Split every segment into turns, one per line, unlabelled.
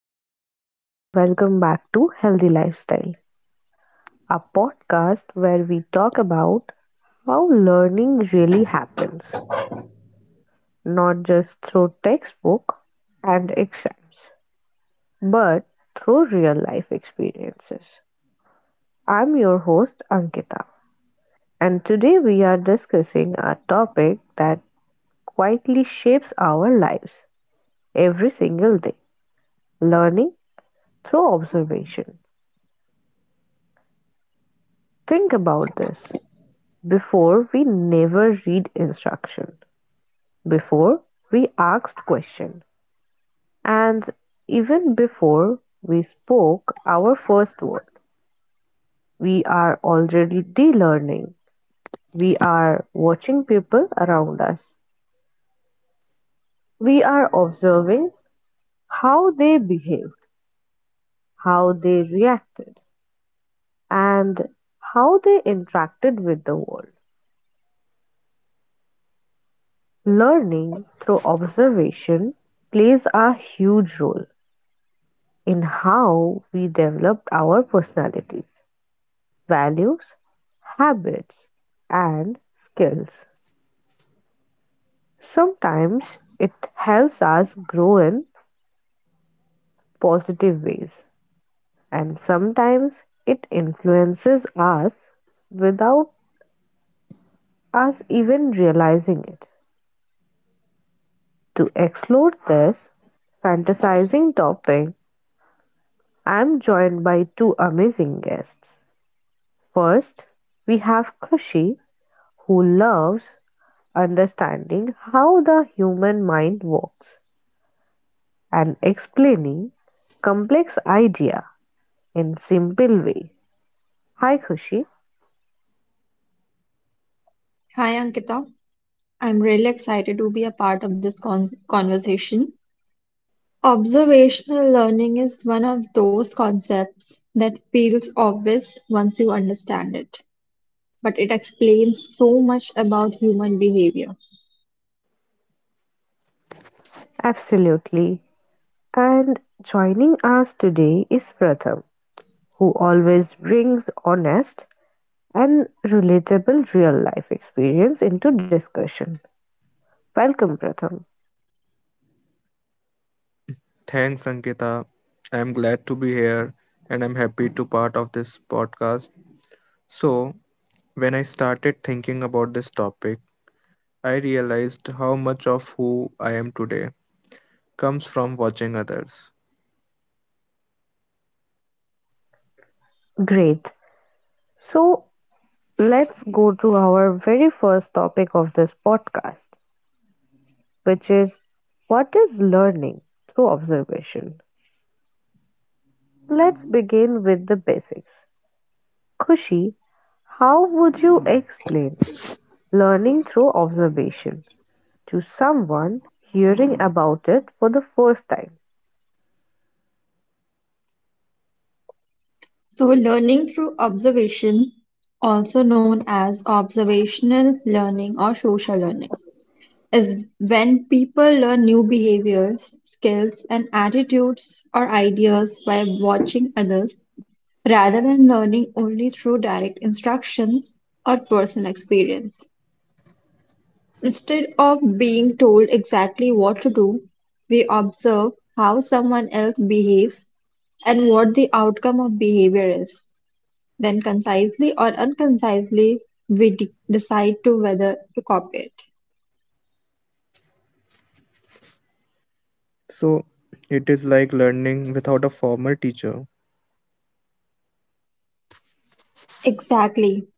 Hello, everyone, and welcome back to Healthy Lifestyle, a podcast where we talk about how learning really happens, not just through textbook and exams, but through real life experiences. I'm your host, Ankita, and today we are discussing a topic that quietly shapes our lives every single day learning through observation. Think about this. Before we never read instruction, before we asked question, and even before we spoke our first word, we are already de-learning. We are watching people around us. We are observing how they behaved, how they reacted, and how they interacted with the world. Learning through observation plays a huge role in how we developed our personalities, values, habits, and skills. Sometimes it helps us grow in positive ways, and sometimes it influences us without us even realizing it. To explore this fantasizing topic, I am joined by two amazing guests. First, we have Kushi, who loves understanding how the human mind works and explaining complex idea in simple way. Hi Khushi,
Hi Ankita, I'm really excited to be a part of this conversation. Observational learning is one of those concepts that feels obvious once you understand it, but it explains so much about human behavior.
absolutely. And joining us today is Pratham, who always brings honest and relatable real life experience into discussion. Welcome Pratham.
Thanks, Ankita. I'm glad to be here and I'm happy to part of this podcast. So, when I started thinking about this topic, I realized how much of who I am today comes from watching others.
Great. So let's go to our very first topic of this podcast which is what is learning through observation? Let's begin with the basics. Kushi, how would you explain learning through observation to someone hearing about it for the first time?
So, learning through observation, also known as observational learning or social learning, is when people learn new behaviors, skills, and attitudes or ideas by watching others rather than learning only through direct instructions or personal experience. Instead of being told exactly what to do, we observe how someone else behaves and what the outcome of behavior is. Then, concisely or unconcisely, we decide to whether to copy it.
So, it is like learning without a formal teacher.
Exactly.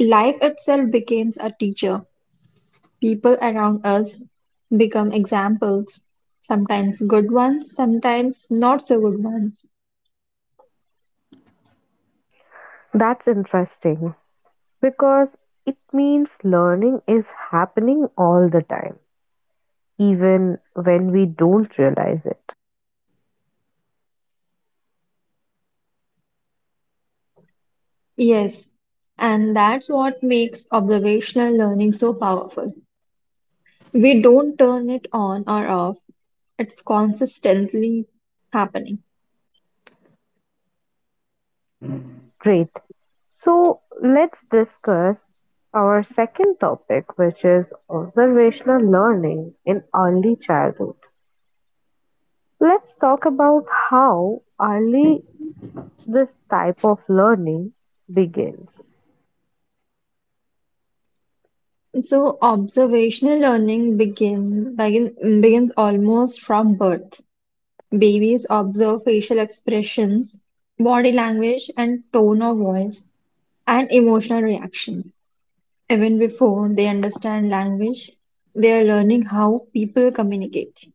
Life itself becomes a teacher. People around us become examples, sometimes good ones, sometimes not so good ones.
That's interesting because it means learning is happening all the time, even when we don't realize it.
Yes, and that's what makes observational learning so powerful. We don't turn it on or off, it's consistently happening.
Great. So let's discuss our second topic, which is observational learning in early childhood. Let's talk about how early this type of learning begins.
So observational learning begins almost from birth. Babies observe facial expressions, body language, and tone of voice, and emotional reactions. Even before they understand language, they are learning how people communicate.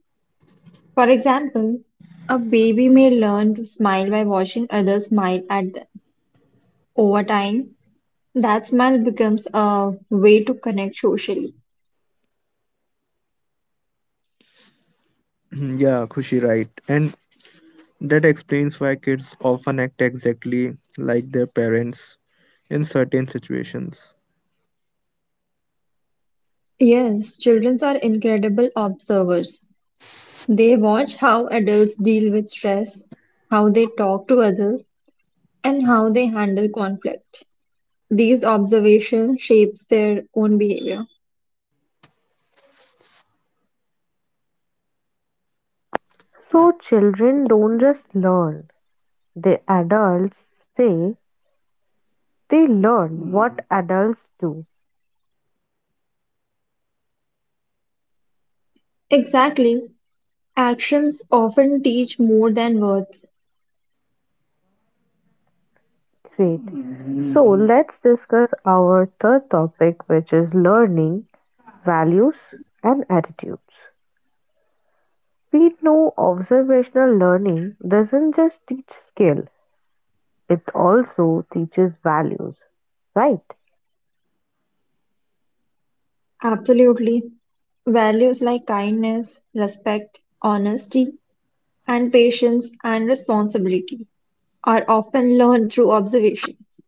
For example, a baby may learn to smile by watching others smile at them. Over time, that smile becomes a way to connect socially.
Yeah, Khushi, right. And that explains why kids often act exactly like their parents in certain situations.
Yes, children are incredible observers. They watch how adults deal with stress, how they talk to others, and how they handle conflict. These observations shapes their own behavior.
So, children don't just learn, the adults say they learn what adults do.
Exactly. Actions often teach more than words.
Great. So, let's discuss our third topic, which is learning, values, and attitudes. We know observational learning doesn't just teach skill, it also teaches values, right?
Absolutely. Values like kindness, respect, honesty, and patience and responsibility are often learned through observations.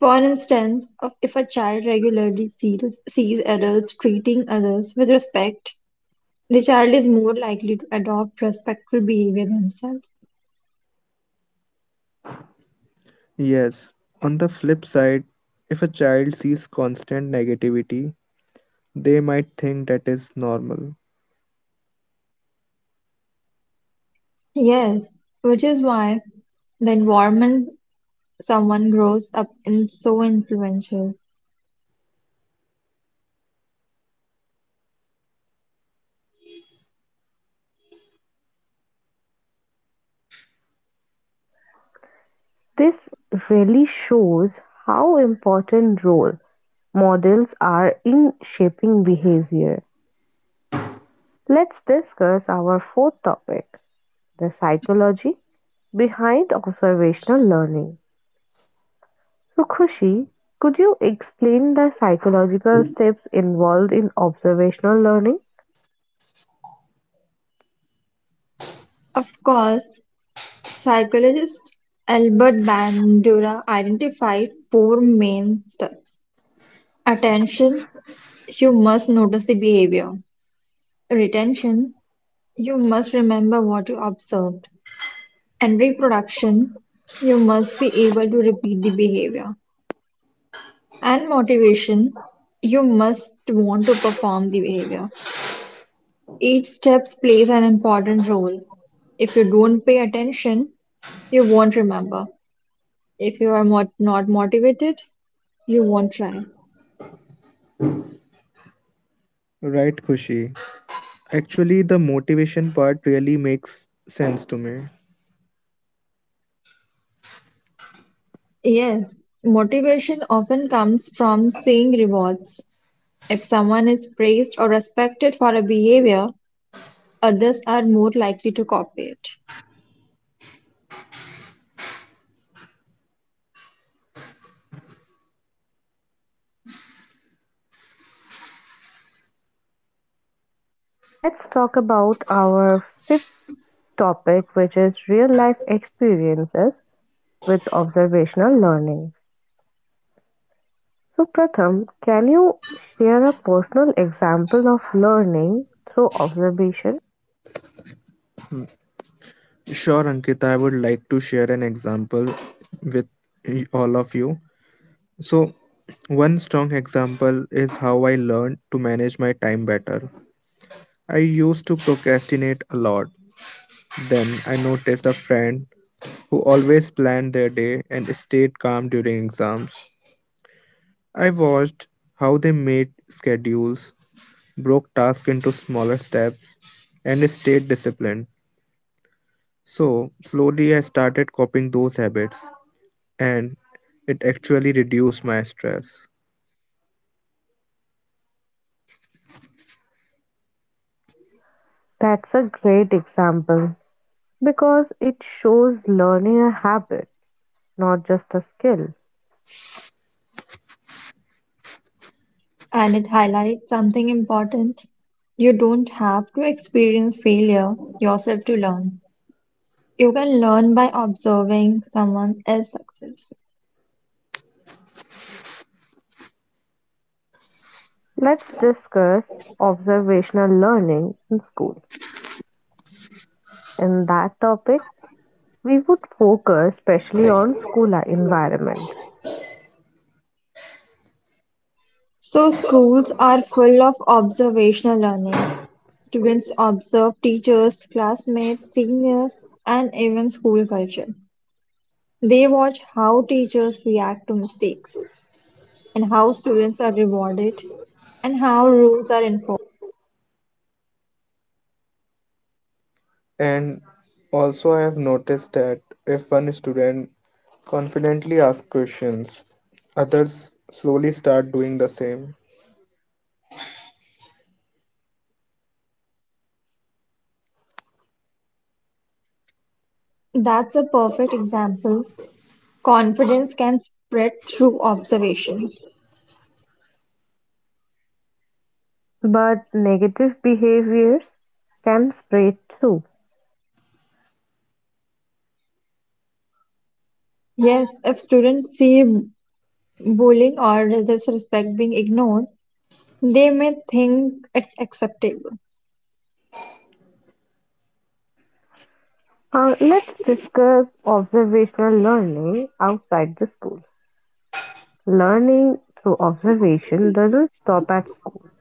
For instance, if a child regularly sees adults treating others with respect, the child is more likely to adopt respectful behavior themselves.
Yes, on the flip side, if a child sees constant negativity, they might think that is normal.
Yes, which is why the environment someone grows up in so influential.
This really shows how important role models are in shaping behavior. Let's discuss our fourth topic, the psychology behind observational learning. So, Khushi, could you explain the psychological steps involved in observational learning?
Of course, psychologist Albert Bandura identified four main steps. Attention, you must notice the behavior. Retention, you must remember what you observed. And reproduction, you must be able to repeat the behavior. And motivation, you must want to perform the behavior. Each step plays an important role. If you don't pay attention, you won't remember. If you are not motivated, you won't try.
Right, Kushi? Actually, the motivation part really makes sense to me.
Yes, motivation often comes from seeing rewards. If someone is praised or respected for a behavior, others are more likely to copy it.
Let's talk about our fifth topic which is real-life experiences with observational learning. So Pratham, can you share a personal example of learning through observation?
Sure, Ankita, I would like to share an example with all of you. So, one strong example is how I learned to manage my time better. I used to procrastinate a lot. Then I noticed a friend who always planned their day and stayed calm during exams. I watched how they made schedules, broke tasks into smaller steps, and stayed disciplined. So, slowly I started copying those habits, and it actually reduced my stress.
That's a great example because it shows learning a habit, not just a skill.
And it highlights something important. You don't have to experience failure yourself to learn. You can learn by observing someone else's success.
Let's discuss observational learning in school. In that topic, we would focus especially on school environment.
So schools are full of observational learning. Students observe teachers, classmates, seniors, and even school culture. They watch how teachers react to mistakes and how students are rewarded and how rules are enforced.
And also, I have noticed that if one student confidently asks questions, others slowly start doing the same.
That's a perfect example. Confidence can spread through observation.
But negative behaviors can spread too.
Yes, if students see bullying or disrespect being ignored, they may think it's acceptable.
Let's discuss observational learning outside the school. Learning through observation doesn't stop at school,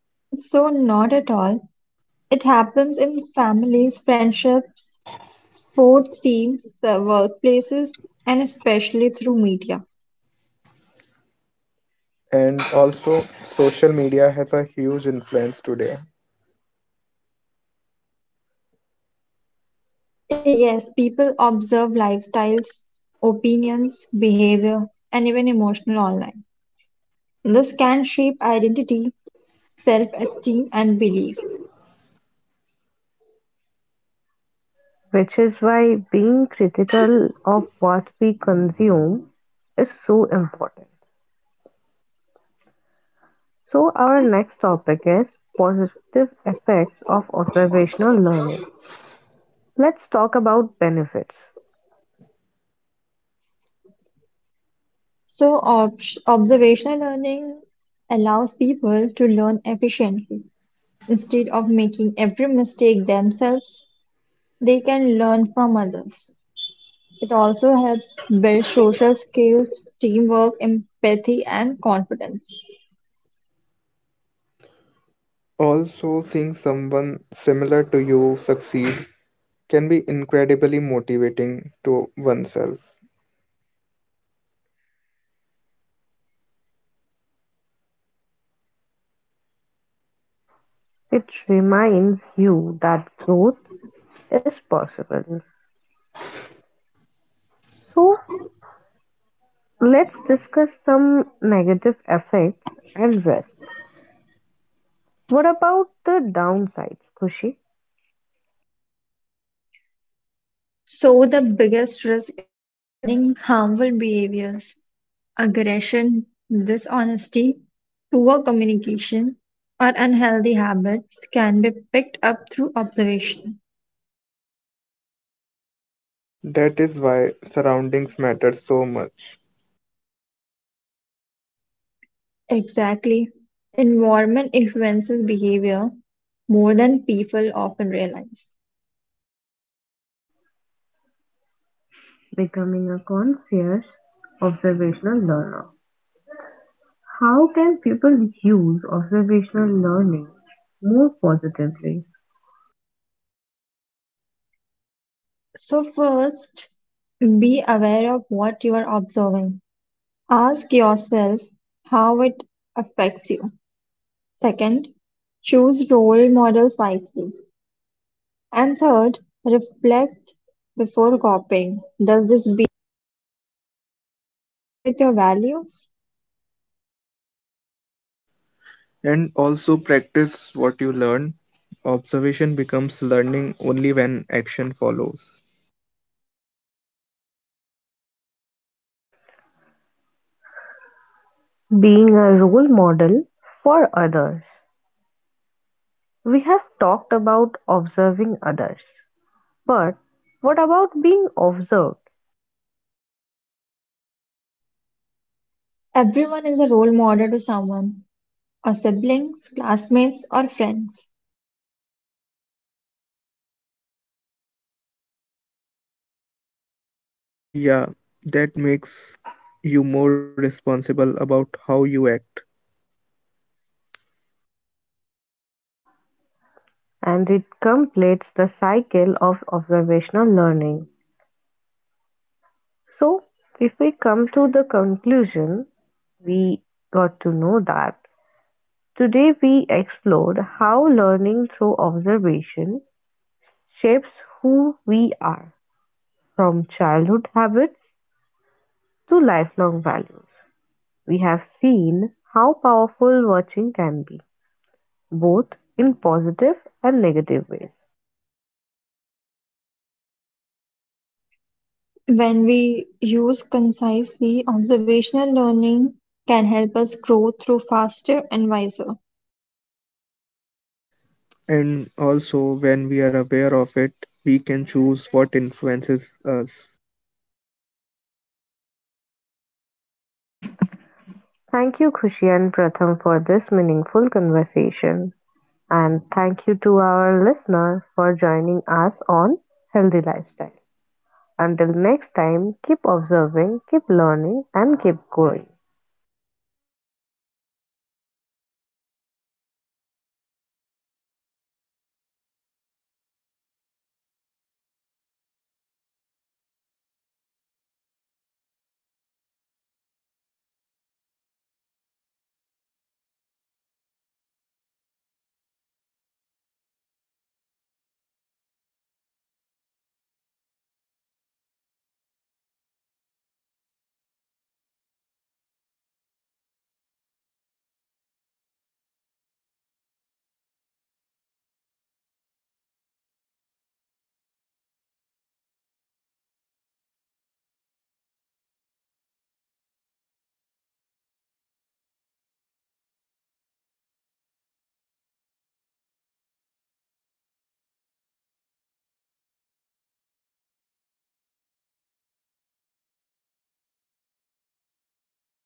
Not at all. It happens in families, friendships, sports teams, workplaces, and especially through media.
And also, social media has a huge influence today.
Yes, people observe lifestyles, opinions, behavior, and even emotional online. This can shape identity, self-esteem, and belief.
which is why being critical of what we consume is so important. So, our next topic is positive effects of observational learning. Let's talk about benefits.
So, observational learning allows people to learn efficiently instead of making every mistake themselves. They can learn from others. It also helps build social skills, teamwork, empathy, and confidence.
Also, seeing someone similar to you succeed can be incredibly motivating to oneself.
It reminds you that growth is possible. So let's discuss some negative effects and risk. What about the downsides, Kushi?
So, the biggest risk is learning harmful behaviors, aggression, dishonesty, poor communication, or unhealthy habits can be picked up through observation.
That is why surroundings matter so much.
Exactly. Environment influences behavior more than people often realize.
Becoming a conscious observational learner. How can people use observational learning more positively?
So, first, be aware of what you are observing. Ask yourself how it affects you. Second, choose role models wisely. And third, reflect before copying. Does this behavior align with your values?
And also, practice what you learn. Observation becomes learning only when action follows.
Being a role model for others. We have talked about observing others, but what about being observed?
Everyone is a role model to someone, our siblings, classmates, or friends.
Yeah, that makes you more responsible about how you act.
And it completes the cycle of observational learning. So, if we come to the conclusion, we got to know that today we explored how learning through observation shapes who we are, from childhood habits to lifelong values. We have seen how powerful watching can be, both in positive and negative ways.
When we use concisely, observational learning can help us grow through faster and wiser.
And also, when we are aware of it, we can choose what influences us.
Thank you, Khushi and Pratham, for this meaningful conversation. And thank you to our listener for joining us on Healthy Lifestyle. Until next time, keep observing, keep learning, and keep growing.